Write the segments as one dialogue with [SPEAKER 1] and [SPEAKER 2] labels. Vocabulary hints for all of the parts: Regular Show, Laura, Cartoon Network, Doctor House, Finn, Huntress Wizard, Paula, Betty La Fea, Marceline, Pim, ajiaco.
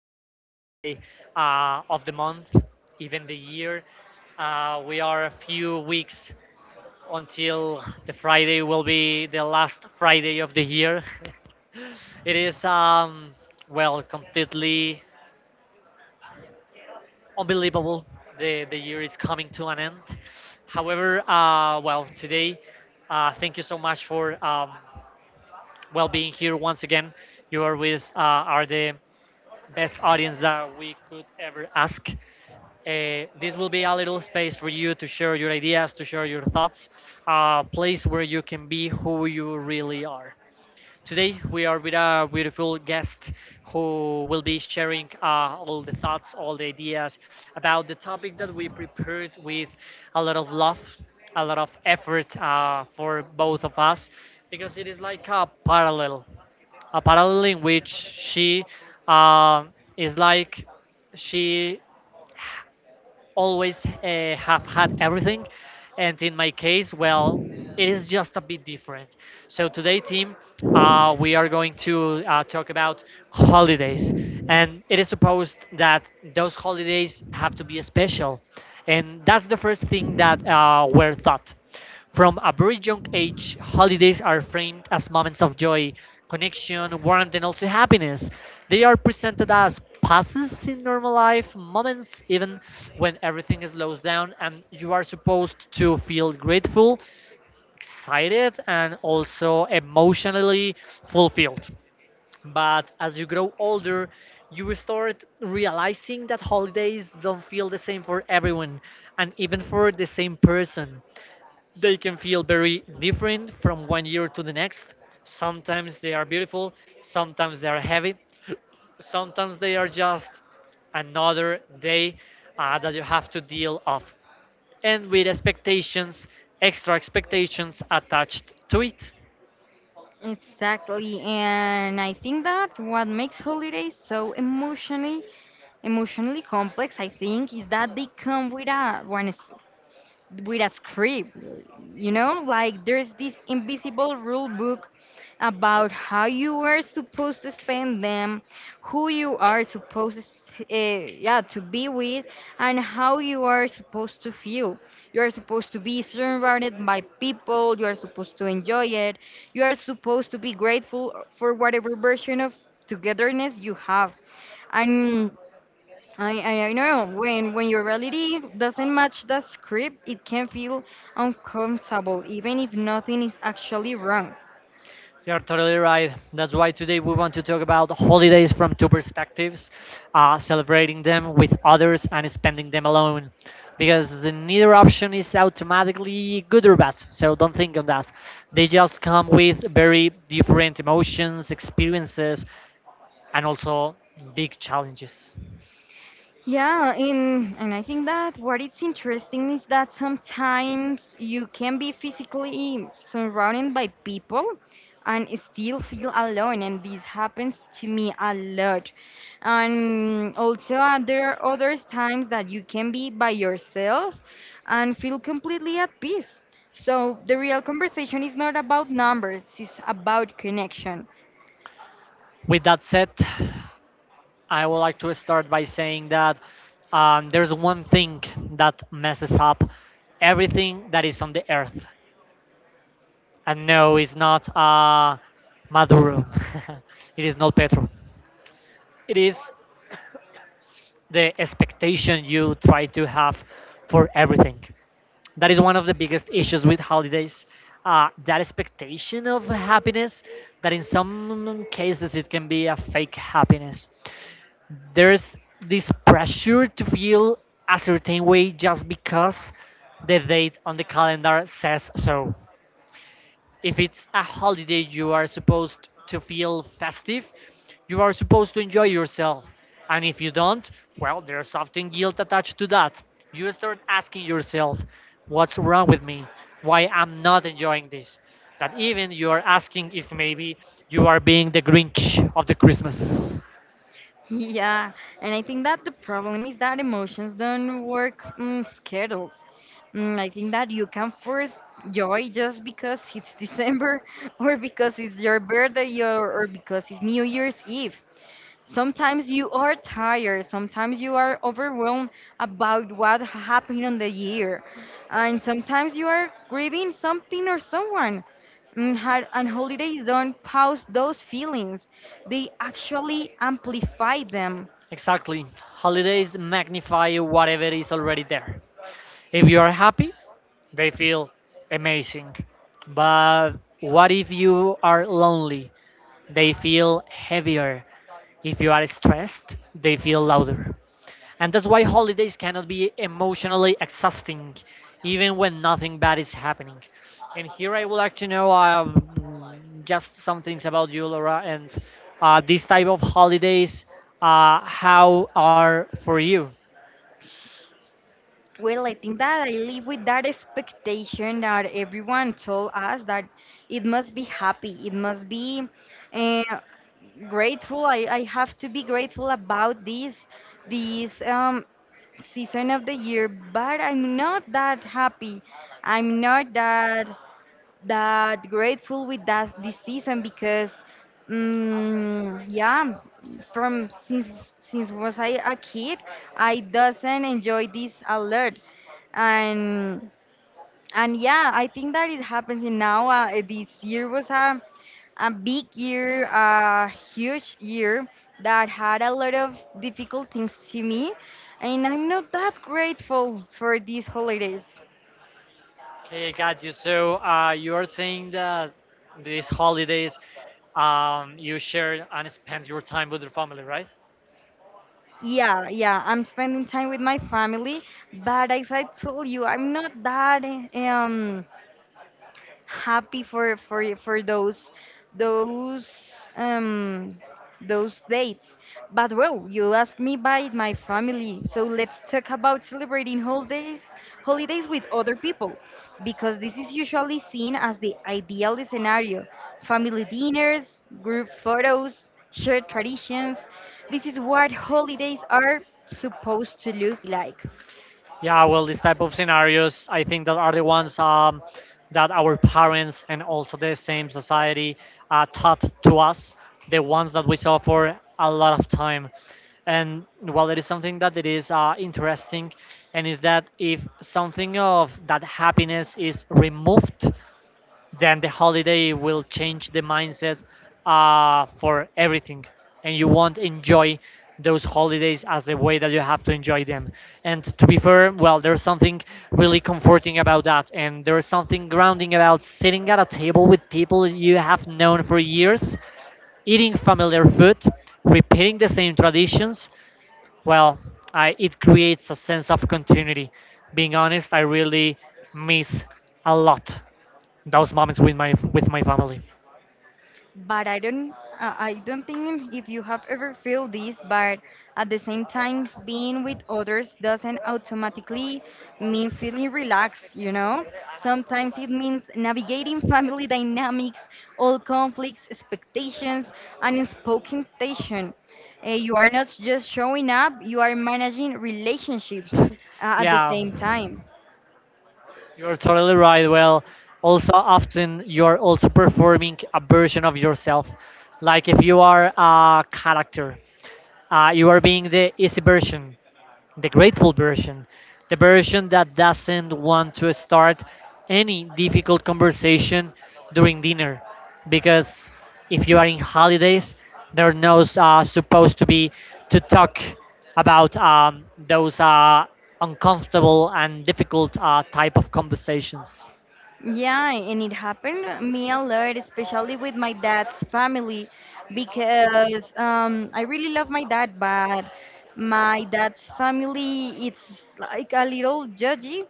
[SPEAKER 1] best Friday of the month, even the year. We are a few weeks until the Friday will be the last Friday of the year. It is, well, completely unbelievable. The year is coming to an end. However, well, today, thank you so much for well being here once again. You always are the best audience that we could ever ask. This will be a little space for you to share your ideas, to share your thoughts, a place where you can be who you really are. Today we are with a beautiful guest who will be sharing all the thoughts, all the ideas about the topic that we prepared with a lot of love, a lot of effort for both of us, because it is like a parallel in which she um, is like she always have had everything, and in my case, well, it is just a bit different. So today, team, we are going to talk about holidays, and it is supposed that those holidays have to be special. And that's the first thing that were thought. From a very young age, holidays are framed as moments of joy, connection, warmth, and also happiness. They are presented as passes in normal life, moments even when everything slows down, and you are supposed to feel grateful, excited, and also emotionally fulfilled. But as you grow older, you start realizing that holidays don't feel the same for everyone, and even for the same person. They can feel very different from one year to the next. Sometimes they are beautiful, sometimes they are heavy, sometimes they are just another day that you have to deal of, and with expectations, extra expectations attached to it.
[SPEAKER 2] Exactly, and I think that what makes holidays so emotionally complex, I think, is that they come with a one with a script. You know, like there's this invisible rule book about how you are supposed to spend them, who you are supposed to, yeah, to be with, and how you are supposed to feel. You are supposed to be surrounded by people, you are supposed to enjoy it, you are supposed to be grateful for whatever version of togetherness you have. And I know, when your reality doesn't match the script, it can feel uncomfortable, even if nothing is actually wrong.
[SPEAKER 1] You're totally right. That's why today we want to talk about holidays from two perspectives, celebrating them with others and spending them alone. Because neither option is automatically good or bad, so don't think on that. They just come with very different emotions, experiences, and also big challenges.
[SPEAKER 2] Yeah, and I think that what it's interesting is that sometimes you can be physically surrounded by people and still feel alone, and this happens to me a lot. And also, there are other times that you can be by yourself and feel completely at peace. So the real conversation is not about numbers; it's about connection.
[SPEAKER 1] With that said, I would like to start by saying that there's one thing that messes up everything that is on the earth. And no, it's not Maduro. It is not Petro. It is the expectation you try to have for everything. That is one of the biggest issues with holidays. That expectation of happiness, that in some cases it can be a fake happiness. There's this pressure to feel a certain way just because the date on the calendar says so. If it's a holiday, you are supposed to feel festive, you are supposed to enjoy yourself. And if you don't, well, there's often guilt attached to that. You start asking yourself, what's wrong with me? Why I'm not enjoying this? That even you are asking if maybe you are being the Grinch of the Christmas.
[SPEAKER 2] Yeah, and I think that the problem is that emotions don't work schedules. I think that you can force joy just because it's December, or because it's your birthday, or because it's New Year's Eve. Sometimes you are tired, sometimes you are overwhelmed about what happened on the year, and sometimes you are grieving something or someone. And and holidays don't pause those feelings, they actually amplify them.
[SPEAKER 1] Exactly, holidays magnify whatever is already there. If you are happy, they feel amazing. But what if you are lonely? They feel heavier. If you are stressed, they feel louder. And that's why holidays cannot be emotionally exhausting, even when nothing bad is happening. And here I would like to know just some things about you, Laura, and these type of holidays. How are for you?
[SPEAKER 2] Well, I think that I live with that expectation that everyone told us that it must be happy, it must be uh, grateful. I have to be grateful about this season of the year, but I'm not that happy. I'm not that grateful with that this season because, yeah, from since was I a kid, I doesn't enjoy this a lot, and and yeah, I think that it happens in now. This year was a big year, a huge year that had a lot of difficult things to me, and I'm not that grateful for these holidays.
[SPEAKER 1] Okay, I got you. So you are saying that these holidays, you share and spend your time with your family, right?
[SPEAKER 2] Yeah, yeah, I'm spending time with my family, but as I told you, I'm not that happy for for those those um those dates. But well, you asked me by my family, so let's talk about celebrating holidays with other people, because this is usually seen as the ideal scenario. Family dinners, group photos, shared traditions. This is what holidays are supposed to look like.
[SPEAKER 1] Yeah, well, these type of scenarios, I think that are the ones that our parents and also the same society taught to us, the ones that we saw for a lot of time. And well, it is something that it is interesting, and is that if something of that happiness is removed, then the holiday will change the mindset for everything, and you won't enjoy those holidays as the way that you have to enjoy them. And to be fair, well, there's something really comforting about that, and there's something grounding about sitting at a table with people you have known for years, eating familiar food, repeating the same traditions. Well, I, it creates a sense of continuity. Being honest, I really miss a lot those moments with my family.
[SPEAKER 2] But I don't, I don't think if you have ever felt this, but at the same time, being with others doesn't automatically mean feeling relaxed, you know? Sometimes it means navigating family dynamics, all conflicts, expectations, and unspoken tension. You are not just showing up, you are managing relationships at the
[SPEAKER 1] Yeah,
[SPEAKER 2] same time.
[SPEAKER 1] you're totally right. Well, also often you're also performing a version of yourself. Like if you are a character, you are being the easy version, the grateful version, the version that doesn't want to start any difficult conversation during dinner. Because if you are in holidays, there are no supposed to be to talk about those uncomfortable and difficult type of conversations.
[SPEAKER 2] Yeah, and it happened me a lot, especially with my dad's family, because I really love my dad, but my dad's family it's like a little judgy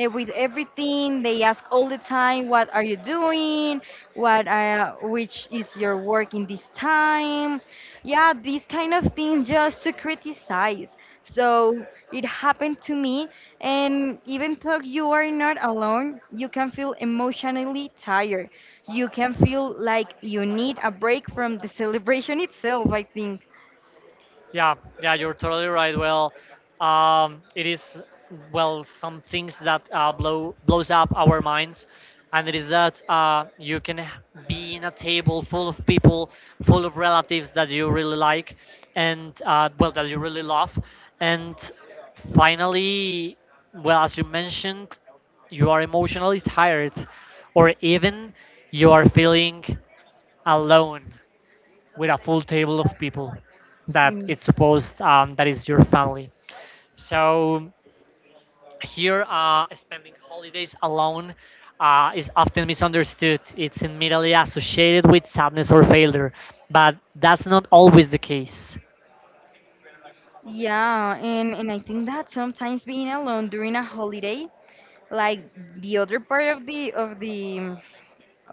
[SPEAKER 2] with everything. They ask all the time, "What are you doing? What Which is your work in this time?" Yeah, these kind of things just to criticize. So it happened to me, and even though you are not alone, you can feel emotionally tired, you can feel like you need a break from the celebration itself, I think.
[SPEAKER 1] Yeah, yeah, you're totally right. Well, it is, well, some things that blows up our minds. And it is that you can be in a table full of people, full of relatives that you really like, and well that you really love, and finally, well, as you mentioned, you are emotionally tired, or even you are feeling alone with a full table of people that
[SPEAKER 2] Mm.
[SPEAKER 1] it's supposed that is your family. So here, spending holidays alone is often misunderstood. It's immediately associated with sadness or failure, but that's not always the case.
[SPEAKER 2] Yeah, and I think that sometimes being alone during a holiday, like the other part of the of the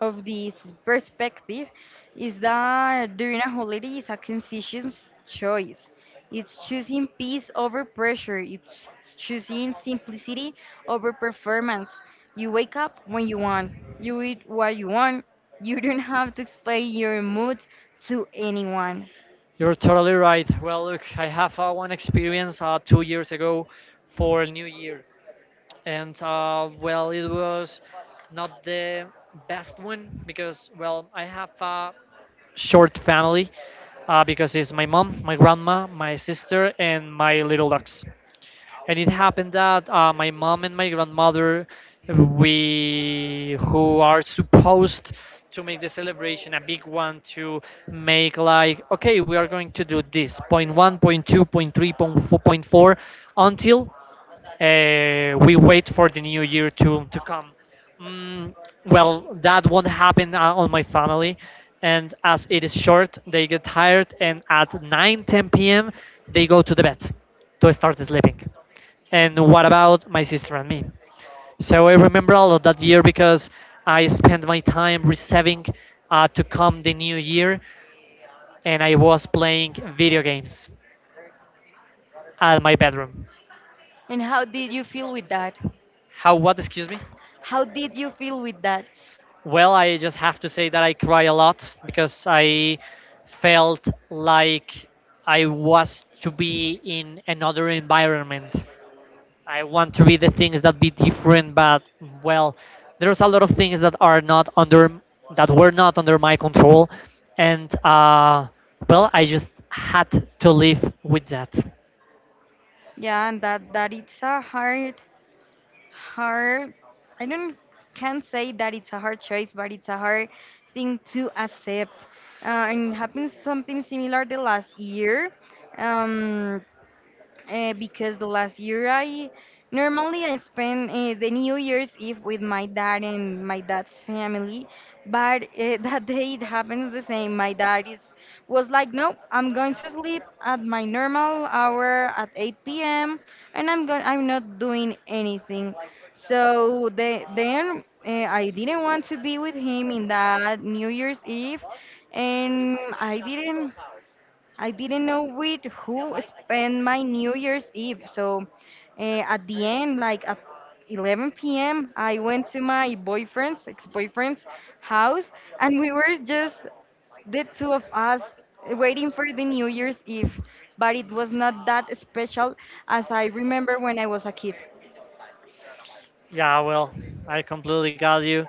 [SPEAKER 2] of this perspective, is that during a holiday is a conscious choice. It's choosing peace over pressure. It's choosing simplicity over performance. You wake up when you want. You eat what you want. You don't have to explain your mood to anyone.
[SPEAKER 1] You're totally right. Well, look, I have one experience 2 years ago for New Year, and well, it was not the best one, because well, I have short family, because it's my mom, my grandma, my sister, and my little dogs. And it happened that my mom and my grandmother, we, who are supposed to make the celebration a big one, to make like, okay, we are going to do this point one, point two, point three, point four, point four until we wait for the new year to come. Mm, well, that won't happen on my family, and as it is short, they get tired, and at 9:10 p.m. they go to the bed to start sleeping. And what about my sister and me? So I remember all of that year, because I spent my time receiving to come the new year, and I was playing video games at my bedroom.
[SPEAKER 2] And how did you feel with that?
[SPEAKER 1] How? What? Excuse me.
[SPEAKER 2] How did you feel with that?
[SPEAKER 1] Well, I just have to say that I cry a lot, because I felt like I was to be in another environment. I want to be the things that be different, but well, there's a lot of things that are not under that were not under my control, and well, I just had to live with that.
[SPEAKER 2] Yeah, and that that it's a hard, hard. I don't, can't say that it's a hard choice, but it's a hard thing to accept. And happened something similar the last year. Um, because the last year I normally I spend the New Year's Eve with my dad and my dad's family, but that day it happened the same. My dad is Was like, no, I'm going to sleep at my normal hour at 8 p.m. and I'm not doing anything. So then I didn't want to be with him in that New Year's Eve, and I didn't. I didn't know with who spend my New Year's Eve. So at the end, like at 11 p.m., I went to my ex-boyfriend's house, and we were just the two of us waiting for the New Year's Eve. But it was not that special as I remember when I was a kid.
[SPEAKER 1] Yeah, well, I completely got you.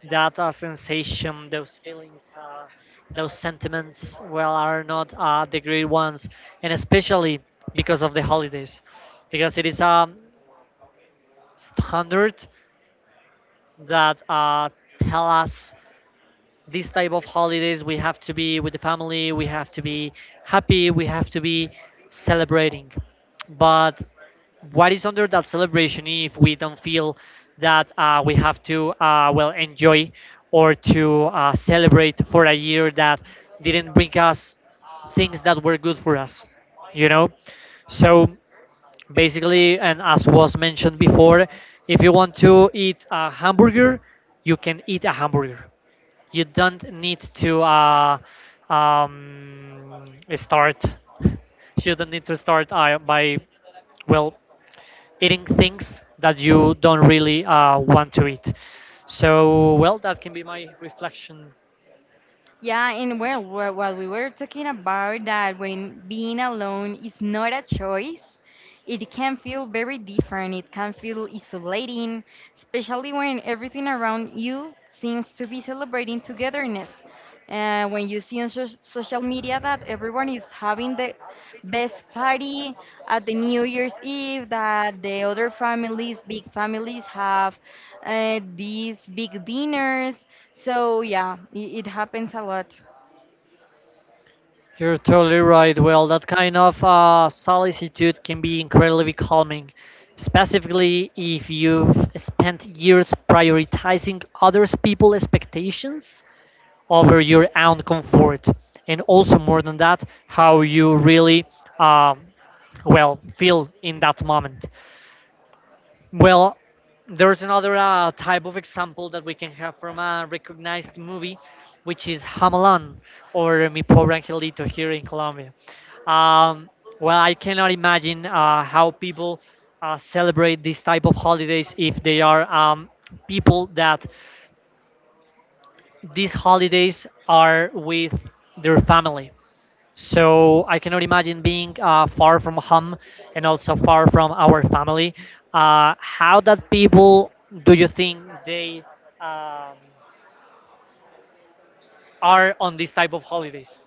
[SPEAKER 1] That sensation, those feelings, those sentiments, well, are not the great ones, and especially because of the holidays, because it is a standard that tell us this type of holidays, we have to be with the family, we have to be happy, we have to be celebrating. But what is under that celebration if we don't feel that we have to well enjoy, or to celebrate for a year that didn't bring us things that were good for us, you know? So basically, and as was mentioned before, if you want to eat a hamburger, you can eat a hamburger. You don't need to start. You don't need to start by, well, eating things that you don't really want to eat. So well, that can be my reflection.
[SPEAKER 2] Yeah, and well, what we were talking about, that when being alone is not a choice, it can feel very different, it can feel isolating, especially when everything around you seems to be celebrating togetherness. When you see on social media that everyone is having the best party at the New Year's Eve, that the other families, big families, have these big dinners. So, yeah, it happens a lot.
[SPEAKER 1] You're totally right. Well, that kind of solicitude can be incredibly calming, specifically if you've spent years prioritizing others people's expectations over your own comfort, and also more than that, how you really um, well feel in that moment. Well, there's another type of example that we can have from a recognized movie, which is Hamelon or Mi Pobre Angelito here in Colombia. Um, well, I cannot imagine how people celebrate these type of holidays if they are people that these holidays are with their family. So I cannot imagine being far from home, and also far from our family. How that people, do you think they um, are on this type of holidays?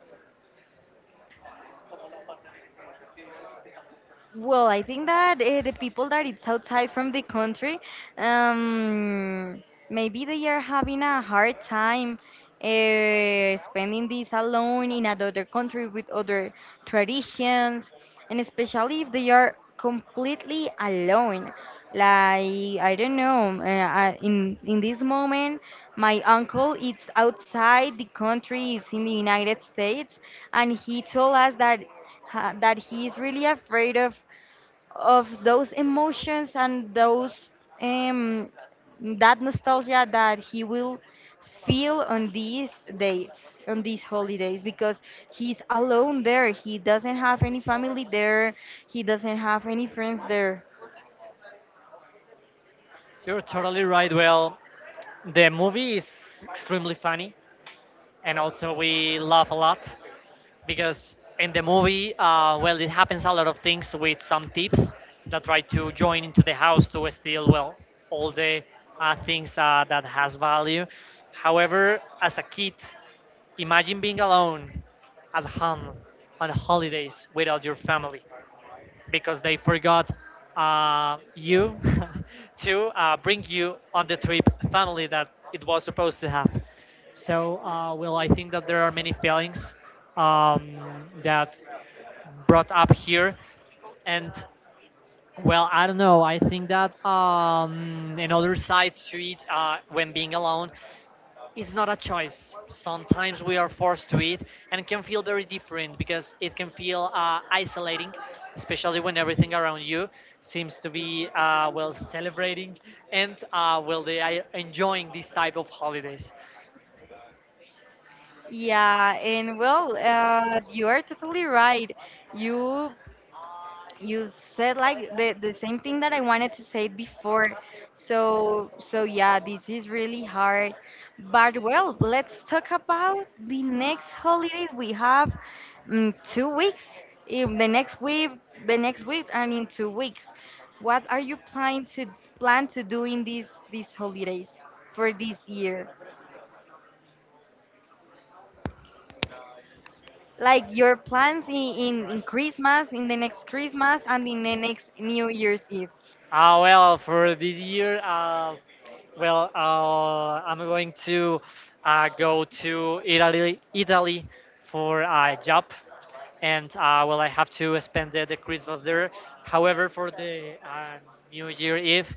[SPEAKER 2] Well, I think that the people that it's outside from the country, um, maybe they are having a hard time spending this alone in another country with other traditions, and especially if they are completely alone. Like, I don't know, in this moment my uncle is outside the country, it's in the United States, and he told us that that he is really afraid of those emotions and those um, that nostalgia that he will feel on these dates, on these holidays, because he's alone there, he doesn't have any family there, he doesn't have any friends there.
[SPEAKER 1] You're totally right. Well, the movie is extremely funny, and also we laugh a lot, because in the movie, well, it happens a lot of things with some thieves that try to join into the house to steal, well, all the things that has value. However, as a kid, imagine being alone at home on holidays without your family, because they forgot you, to bring you on the trip family that it was supposed to have. So, well, I think that there are many failings um, that brought up here, and well, I don't know. I think that another side to it when being alone it's not a choice. Sometimes we are forced to it and can feel very different because it can feel isolating, especially when everything around you seems to be well celebrating and well they are enjoying these type of holidays.
[SPEAKER 2] Yeah, and well, you are totally right. You you said like the same thing that I wanted to say before. So so yeah, this is really hard. But well, let's talk about the next holidays we have 2 weeks. In the next week, and in 2 weeks. What are you planning to plan to do in these holidays for this year? Like your plans in Christmas, in the next Christmas, and in the next New Year's Eve.
[SPEAKER 1] Well, for this year, well, I'm going to go to Italy for a job, and well, I have to spend the Christmas there. However, for the New Year Eve,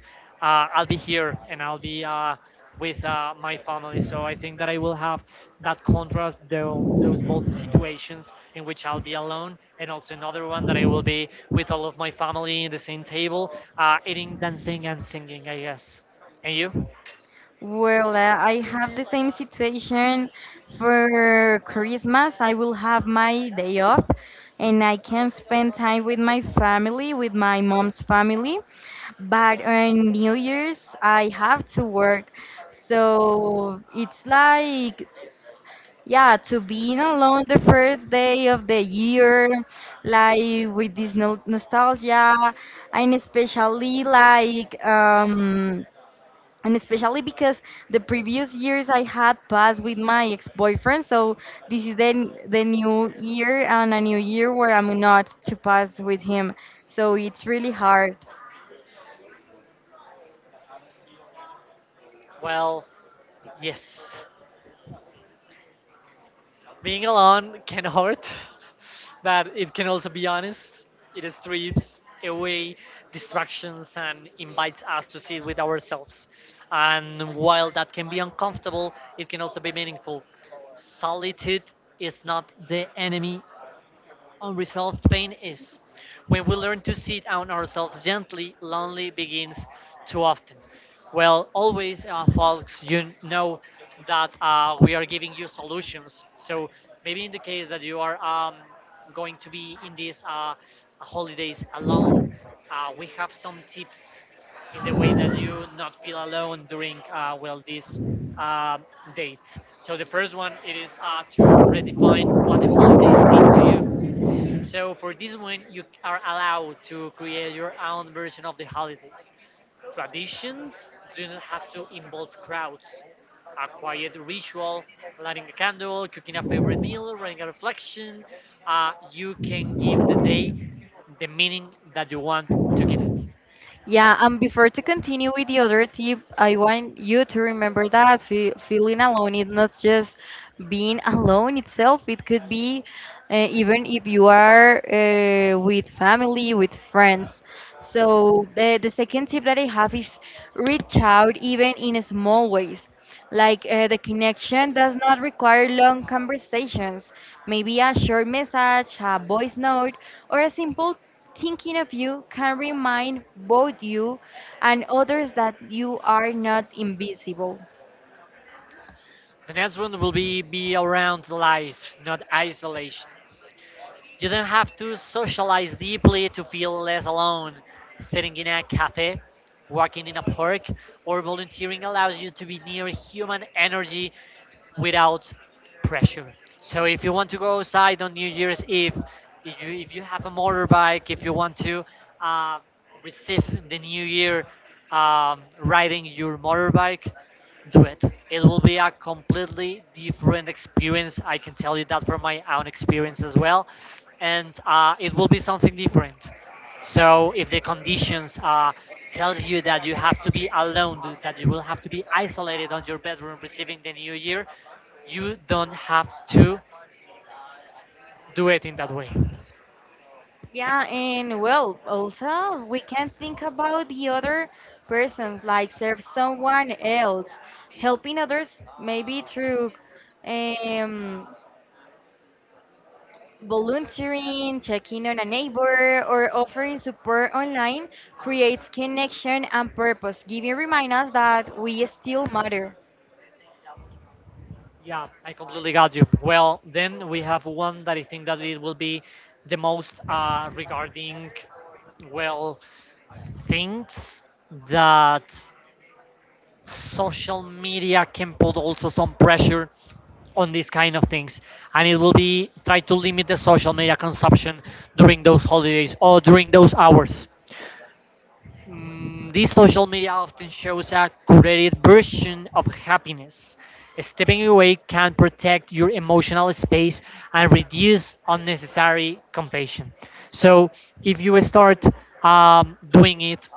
[SPEAKER 1] I'll be here and I'll be with my family. So I think that I will have that contrast, those both situations in which I'll be alone, and also another one that I will be with all of my family in the same table, eating, dancing, and singing, I guess. And you?
[SPEAKER 2] Well, I have the same situation for Christmas. I will have my day off and I can spend time with my family, with my mom's family. But on New Year's, I have to work. So it's like, yeah, to being alone the first day of the year, like with this no nostalgia, and especially like, and especially because the previous years I had passed with my ex-boyfriend, so this is then the new year and a new year where I'm not to pass with him. So it's really hard.
[SPEAKER 1] Well, yes. Being alone can hurt, but it can also be honest. It strips away distractions and invites us to sit with ourselves. And while that can be uncomfortable, it can also be meaningful. Solitude is not the enemy. Unresolved pain is. When we learn to sit on ourselves gently, lonely begins too often. Well, always, folks, you know that we are giving you solutions. So maybe in the case that you are going to be in these holidays alone, we have some tips in the way that you not feel alone during well these um dates. So the first one it is to redefine what the holidays mean to you. So for this one, you are allowed to create your own version of the holidays. Traditions do not have to involve crowds. A quiet ritual, lighting a candle, cooking a favorite meal, writing a reflection. You can give the day the meaning that you want to give it.
[SPEAKER 2] Yeah, and before to continue with the other tip, I want you to remember that fe feeling alone is not just being alone itself. It could be, even if you are with family, with friends. So the second tip that I have is reach out even in small ways. Like, the connection does not require long conversations. Maybe a short message, a voice note, or a simple "Thinking of you" can remind both you and others that you are not invisible.
[SPEAKER 1] The next one will be around life, not isolation. You don't have to socialize deeply to feel less alone. Sitting in a cafe, walking in a park, or volunteering allows you to be near human energy without pressure. So if you want to go outside on New Year's Eve, if you have a motorbike, if you want to uh, receive the New Year riding your motorbike, do it. It will be a completely different experience. I can tell you that from my own experience as well, and it will be something different. So if the conditions tells you that you have to be alone, that you will have to be isolated on your bedroom receiving the new year, you don't have to do it in that way.
[SPEAKER 2] Yeah, and well, also we can think about the other person, like serve someone else, helping others maybe through um, volunteering, checking on a neighbor, or offering support online, creates connection and purpose. Giving remind us that we still matter.
[SPEAKER 1] Yeah, I completely got you. Well, then we have one that I think that it will be the most regarding, well, things that social media can put also some pressure on these kind of things, and it will be try to limit the social media consumption during those holidays or during those hours. This social media often shows a curated version of happiness. Stepping away can protect your emotional space and reduce unnecessary compassion. So if you start doing it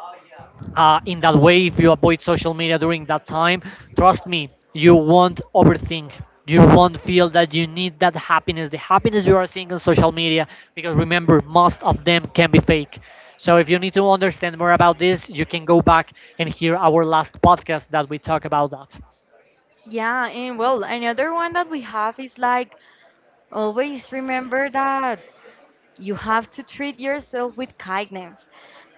[SPEAKER 1] in that way, if you avoid social media during that time, trust me, you won't overthink, you won't feel that you need that happiness, the happiness you are seeing on social media, because remember, most of them can be fake. So if you need to understand more about this, you can go back and hear our last podcast that we talk about that.
[SPEAKER 2] Yeah, and well, another one that we have is like always remember that you have to treat yourself with kindness.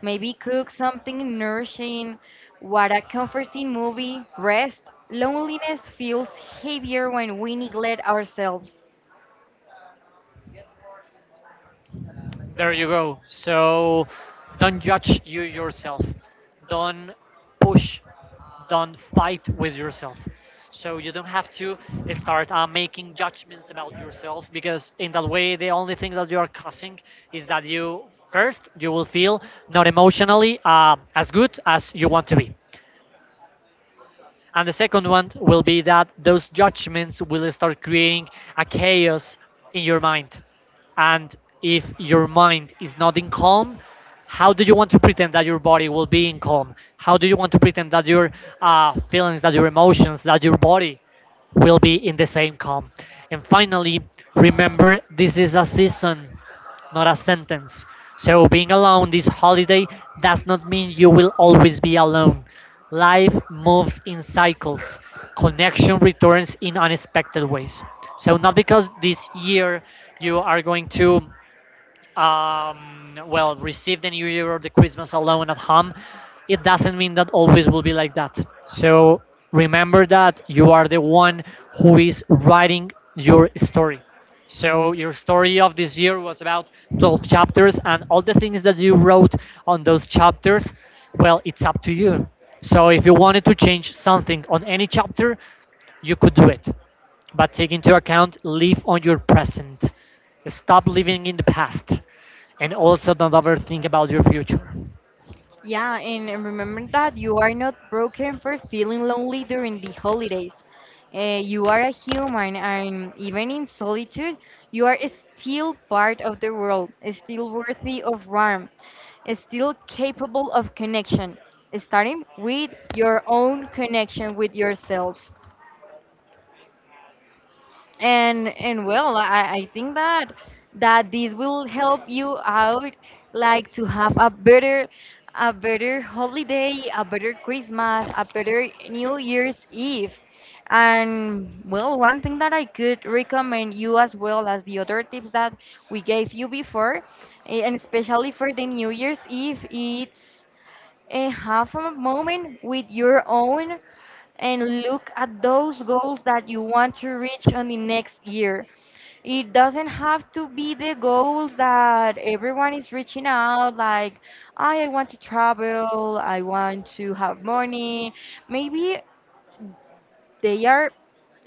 [SPEAKER 2] Maybe cook something nourishing, watch a comforting movie, rest. Loneliness feels heavier when we neglect ourselves.
[SPEAKER 1] There you go. So don't judge you yourself. Don't push. Don't fight with yourself. So you don't have to start making judgments about yourself, because in that way the only thing that you are causing is that you, first, you will feel not emotionally as good as you want to be. And the second one will be that those judgments will start creating a chaos in your mind. And if your mind is not in calm, how do you want to pretend that your body will be in calm? How do you want to pretend that your feelings, that your emotions, that your body will be in the same calm? And finally, remember, this is a season, not a sentence. So being alone this holiday does not mean you will always be alone. Life moves in cycles. Connection returns in unexpected ways. So not because this year you are going to well, received the New Year or the Christmas alone at home, it doesn't mean that always will be like that. So remember that you are the one who is writing your story. So your story of this year was about 12 chapters, and all the things that you wrote on those chapters, well, it's up to you. So if you wanted to change something on any chapter, you could do it. But take into account, live on your present. Stop living in the past, and also don't overthink about your future.
[SPEAKER 2] Yeah, and remember that you are not broken for feeling lonely during the holidays. You are a human, and even in solitude, you are still part of the world, still worthy of warmth, still capable of connection, starting with your own connection with yourself. And well, I think that that this will help you out, like to have a better, a better holiday, a better Christmas, a better New Year's Eve. And well, one thing that I could recommend you, as well as the other tips that we gave you before, and especially for the New Year's Eve, it's, have a moment with your own and look at those goals that you want to reach on the next year. It doesn't have to be the goals that everyone is reaching out, like, "Ah, I want to travel, I want to have money." Maybe they are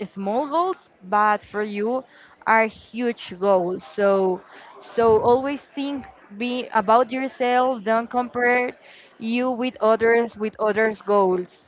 [SPEAKER 2] small goals, but for you are huge goals. So, so always think be about yourself. Don't compare you with others, with others' goals.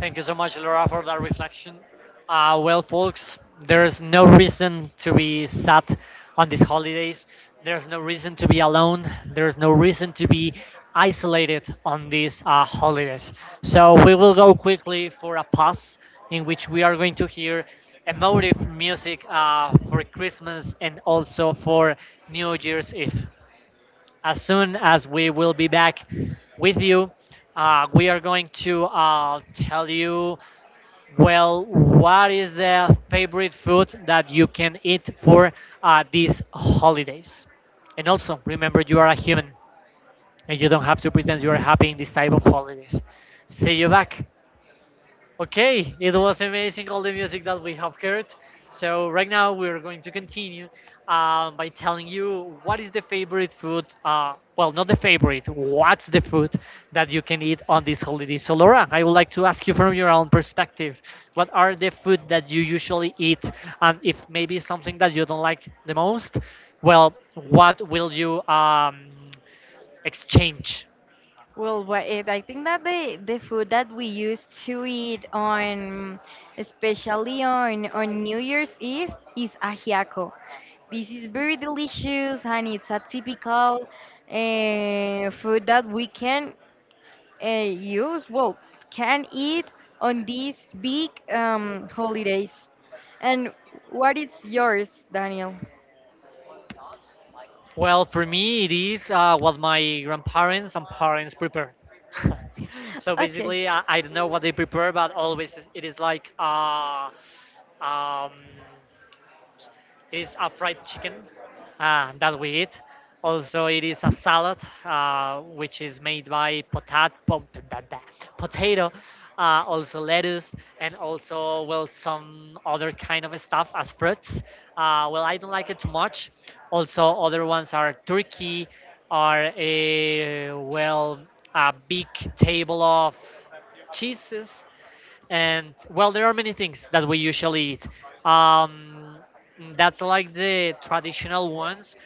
[SPEAKER 1] Thank you so much, Laura, for that reflection. Well, folks, there's no reason to be sad on these holidays. There's no reason to be alone. There's no reason to be isolated on these holidays. So we will go quickly for a pause in which we are going to hear emotive music for Christmas and also for New Year's Eve. As soon as we will be back with you, we are going to tell you, well, what is the favorite food that you can eat for these holidays? And also, remember, you are a human and you don't have to pretend you are happy in this type of holidays. See you back. Okay, it was amazing all the music that we have heard. So right now we're going to continue by telling you what is the favorite food. Well, not the favorite. What's the food that you can eat on this holiday? So Laura, I would like to ask you from your own perspective, what are the food that you usually eat, and if maybe something that you don't like the most, well, what will you exchange?
[SPEAKER 2] Well, what it, I think that the food that we used to eat on, especially on New Year's Eve, is ajiaco. This is very delicious and it's a typical, food that we can use. Well, can eat on these big holidays. And what is yours, Daniel?
[SPEAKER 1] Well, for me, it is what my grandparents and parents prepare. So basically,
[SPEAKER 2] Okay.
[SPEAKER 1] I don't know what they prepare, but always it is like um, it is a fried chicken that we eat. Also, it is a salad which is made by da- da- potato, also lettuce, and also well some other kind of stuff as fruits. Well, I don't like it too much. Also, other ones are turkey, are a well a big table of cheeses, and well there are many things that we usually eat, um, that's like the traditional ones.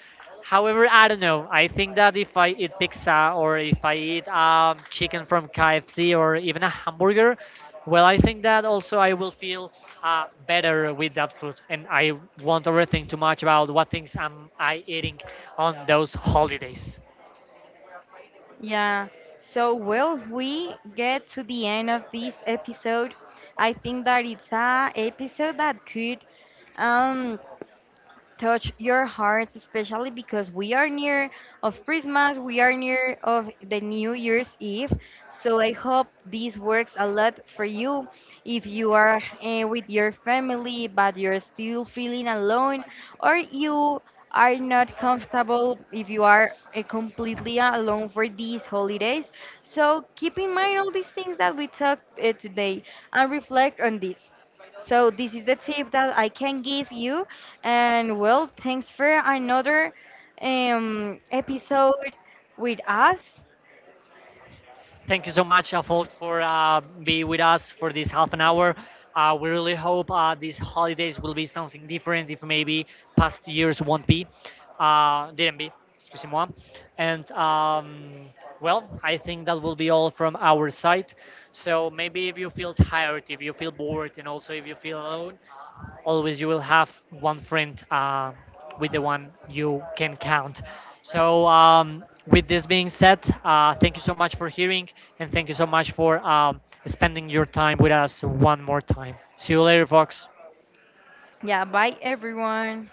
[SPEAKER 1] However, I don't know, I think that if I eat pizza, or if I eat chicken from KFC, or even a hamburger, well I think that also I will feel better with that food, and I won't overthink too much about what things am I eating on those holidays.
[SPEAKER 2] Yeah. So, well, we get to the end of this episode. I think that it's a episode that could um touch your hearts, especially because we are near of Christmas, we are near of the New Year's Eve. So I hope this works a lot for you. If you are with your family but you're still feeling alone, or you are not comfortable if you are completely alone for these holidays. So keep in mind all these things that we talked today and reflect on this. So this is the tip that I can give you. And well, thanks for another episode with us.
[SPEAKER 1] Thank you so much, folks, for being with us for this 1/2 an hour. We really hope these holidays will be something different if maybe past years won't be, didn't be, excuse me. And well, I think that will be all from our side. So maybe if you feel tired, if you feel bored, and also if you feel alone, always you will have one friend with the one you can count. So, with this being said, thank you so much for hearing, and thank you so much for spending your time with us one more time. See you later, folks.
[SPEAKER 2] Yeah, bye everyone.